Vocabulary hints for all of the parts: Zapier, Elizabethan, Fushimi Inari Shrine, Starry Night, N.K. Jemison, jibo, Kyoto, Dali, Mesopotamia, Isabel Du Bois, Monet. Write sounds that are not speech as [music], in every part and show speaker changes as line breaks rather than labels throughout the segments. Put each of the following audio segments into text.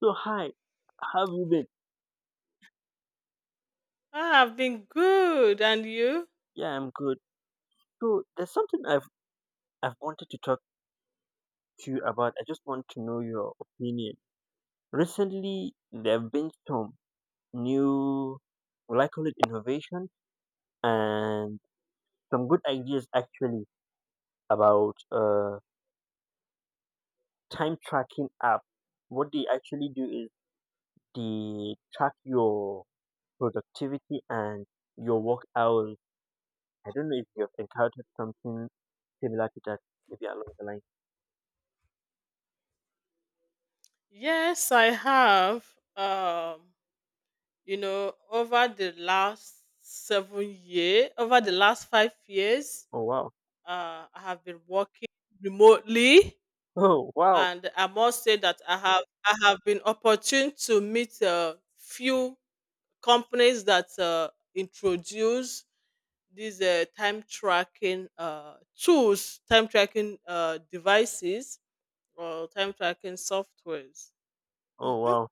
So hi, how have you been?
Ah, I've been good. And you?
Yeah, I'm good. So there's something I've wanted to talk to you about. I just want to know your opinion. Recently, there have been some new, well, I call it innovation, and some good ideas actually about time tracking app. What they actually do is they track your productivity and your work hours. I don't know if you've encountered something similar to that, maybe along the line.
Yes, I have. Um, you know, over the last 7 year, over the last 5 years,
Oh wow.
I have been working remotely,
Oh wow!
and I must say that I have been opportune to meet a few companies that introduce these time tracking tools, time tracking devices, or time tracking softwares.
Oh
Mhm.
wow!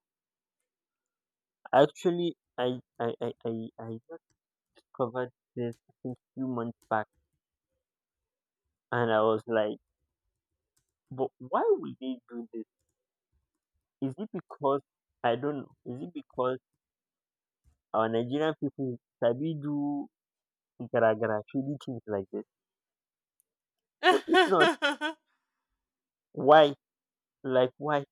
Actually, I just covered this I think few months back, and I was like, "But why would they do this? Is it because I don't know? Is it because our Nigerian people sabi do gara gara shady things like this? But if not, why? Like why?"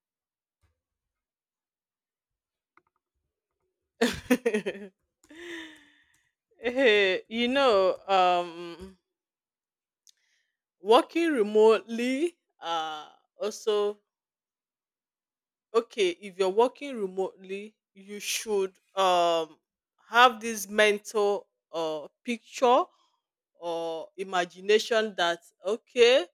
[laughs] Eh, you know, working remotely, also, okay, if you're working remotely, you should have this mental picture or imagination that okay,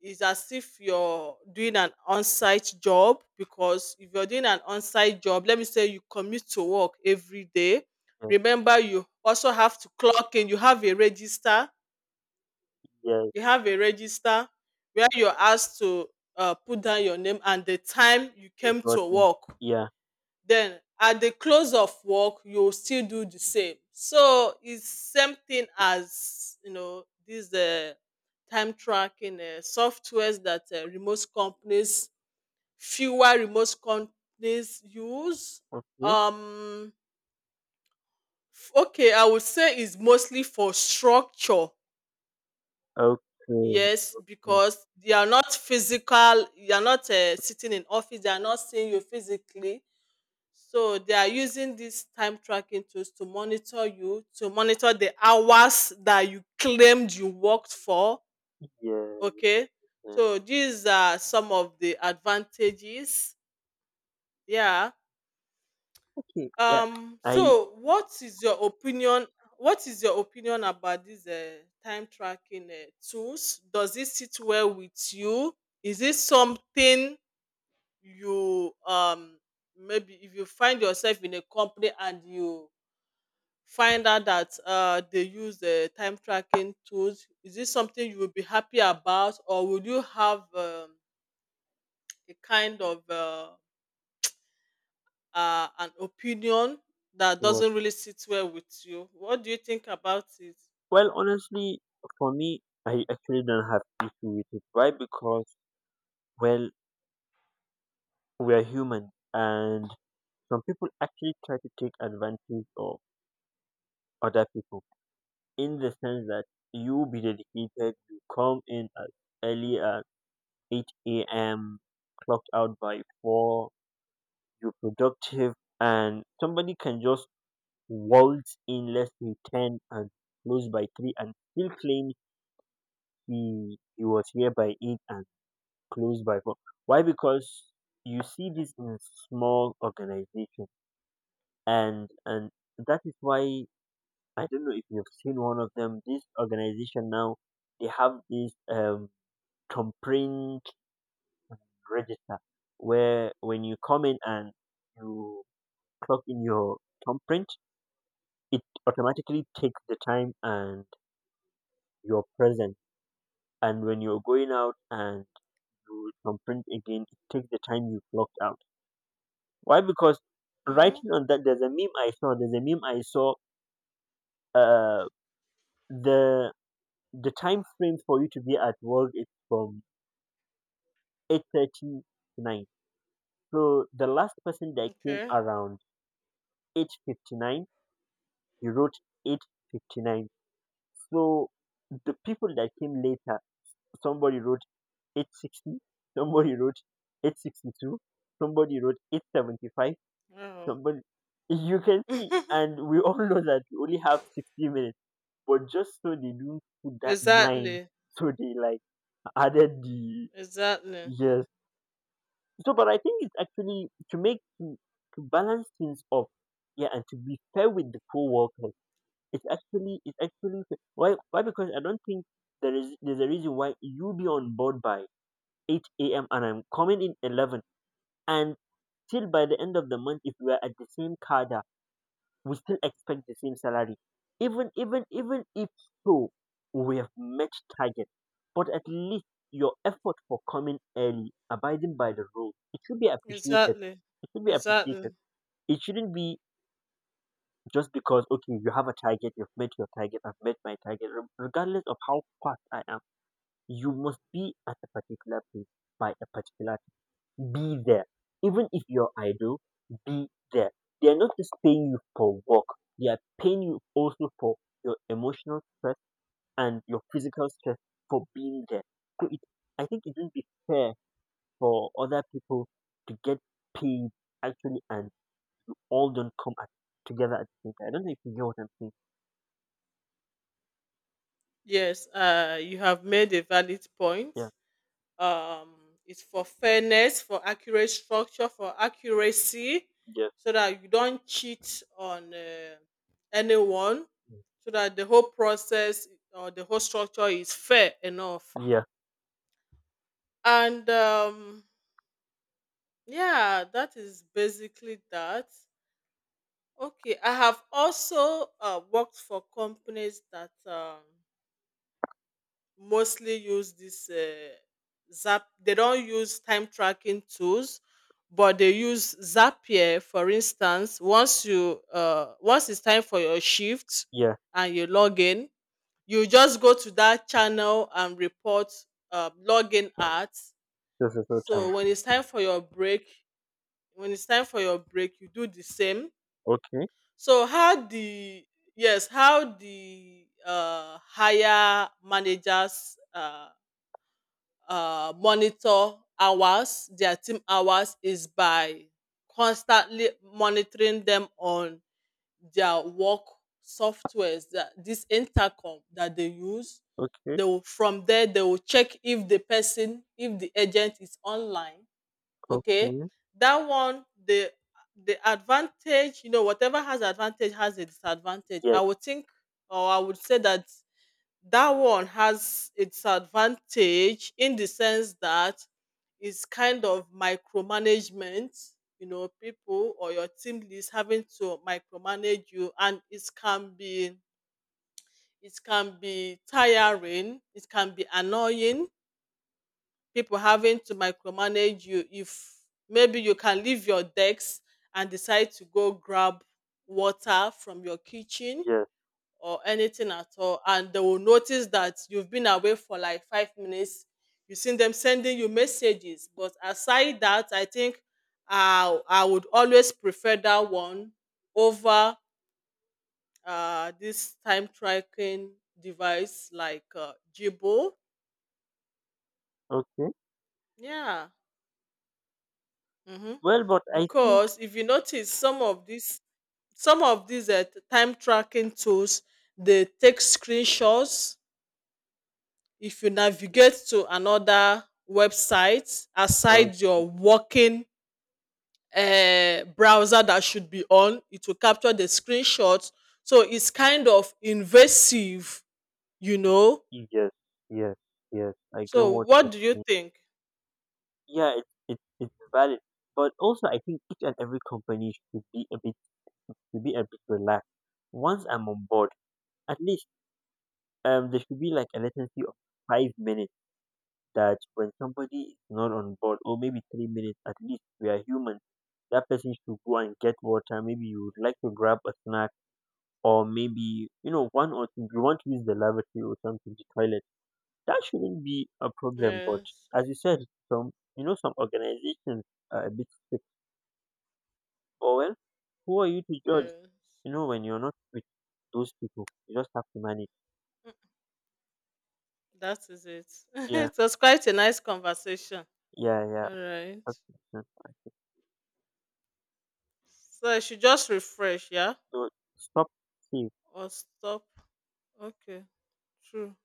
it's as if you're doing an on-site job because if you're doing an on-site job, let me say you commute to work every day.
Yes,
Remember, you also have to clock in. You have a register.
yes,
You have a register where you're asked to put down your name and the time you
you
came
got
to
him.
work.
Yeah.
Then at the close of work you still do the same, so it's same thing as you know these time tracking softwares that remote companies, fewer remote companies use.
Okay.
Um f- okay I would say it's mostly for structure,
Okay.
yes, because they are not physical, you are not sitting in office, they are not seeing you physically. So they are using these time tracking tools to monitor you, to monitor the hours that you claimed you worked for.
Yeah. Yeah.
Okay. So these are some of the advantages. Yeah.
Okay. Yeah.
Um,
I
so what is your opinion? What is your opinion about these time tracking tools? Does it sit well with you? Is it something you maybe if you find yourself in a company and you find out that they use the time tracking tools? Is this something you would be happy about, or would you have a kind of an opinion that
was.
doesn't really sit well with you? What do you think about it?
Well, honestly, for me, I actually don't have issue with it. Why? Because well, we are human, and some people actually try to take advantage of other people in the sense that you be dedicated, you come in as early as eight a.m., clocked out by four, you're productive, and somebody can just waltz in less than ten and close by three, and still claim he was here by eight and close by. But why? Because you see this in small organizations, and that is why I don't know if you've seen one of them. This organization now they have this complaint register where when you come in and you clock in your thumbprint, it automatically takes the time and your present. And when you're going out and you thumbprint again, it takes the time you clocked out. Why? Because
Mm-hmm.
writing on that, there's a meme I saw. There's a meme I saw. Uh, the the time frame for you to be at work is from 8:30 to nine. So the last person that came
Okay.
around 8:59, he wrote 8:59. So the people that came later, somebody wrote 8:60, somebody wrote 8:62, somebody wrote 8:75,
Wow.
somebody, you can see,
[laughs]
and we all know that you only have 60 minutes, but just so they don't put that nine,
Exactly.
so they [laughs] like added the
Exactly.
yes. So, but I think it's actually to balance things up, yeah, and to be fair with the co-workers. It's actually fair. Why? Because I don't think there's a reason why you be on board by 8 a.m. and I'm coming in 11 and till by the end of the month if we are at the same car we still expect the same salary. Even if so, we have met target, but at least your effort for coming early, abiding by the rules, it should be appreciated.
Exactly.
It should be appreciated.
Exactly.
It shouldn't be just because okay, you have a target, you've met your target, I've met my target. Regardless of how fast I am, you must be at a particular place by a particular, be there. Even if you're idle, be there. They are not just paying you for work, they are paying you also for your emotional stress and your physical stress for being there. So it, I think it wouldn't be fair for other people to get paid actually and you all don't come at, together at the same time. I don't know if you get what I'm saying.
Yes. You have made a valid point.
Yeah,
Um, it's for fairness, for accurate structure, for accuracy,
yeah,
so that you don't cheat on anyone, so that the whole process or the whole structure is fair enough.
mm, yeah,
And yeah, that is basically that. Okay, I have also worked for companies that mostly use this Zap. They don't use time tracking tools, but they use Zapier. For instance, once it's time for your shift
yeah.
and you log in, you just go to that channel and report login at.
This is no
So
time.
when it's time for your break, when it's time for your break, you do the same.
Okay,
So how the Yes, how the higher managers monitor hours, their team hours, is by constantly monitoring them on their work softwares, that this intercom that they use.
okay,
They will, from there, they will check if the person, if the agent is online. Okay,
okay.
that one, the advantage, you know, whatever has advantage has a disadvantage.
Yes,
I would think, or I would say that that one has its advantage in the sense that it's kind of micromanagement, you know, people or your team leads having to micromanage you, and it can be tiring, it can be annoying, people having to micromanage you if maybe you can leave your decks and decide to go grab water from your kitchen
yes,
or anything at all, and they will notice that you've been away for like 5 minutes. You seen them sending you messages, but aside that, I would always prefer that one over this time tracking device, like jibo.
okay.
Yeah. Hmm.
Well, but I think.
Because if you notice, some of these time tracking tools, they take screenshots. If you navigate to another website
uh,
aside your working browser that should be on, it will capture the screenshots. So it's kind of invasive, you know.
Yes, yes, yes. I get
So
what you
what do you
mean.
think?
Yeah, it's valid, but also I think each and every company should be a bit relaxed. Once I'm on board, at least there should be like a latency of 5 minutes that when somebody is not on board, or maybe 3 minutes at least. We are human. That person should go and get water. Maybe you would like to grab a snack, or maybe one or two. You want to use the lavatory or something, the toilet. That shouldn't be a problem. But
Yes,
as you said, some some organizations are a bit strict. Or well, who are you to judge?
yes.
You know when you're not with those people, you just have to manage.
Mm, that is it. [laughs]
Yeah,
It was quite a nice conversation.
yeah, yeah.
All right.
I think.
So I should just refresh, yeah?
So stop. See,
Or stop. Okay, true.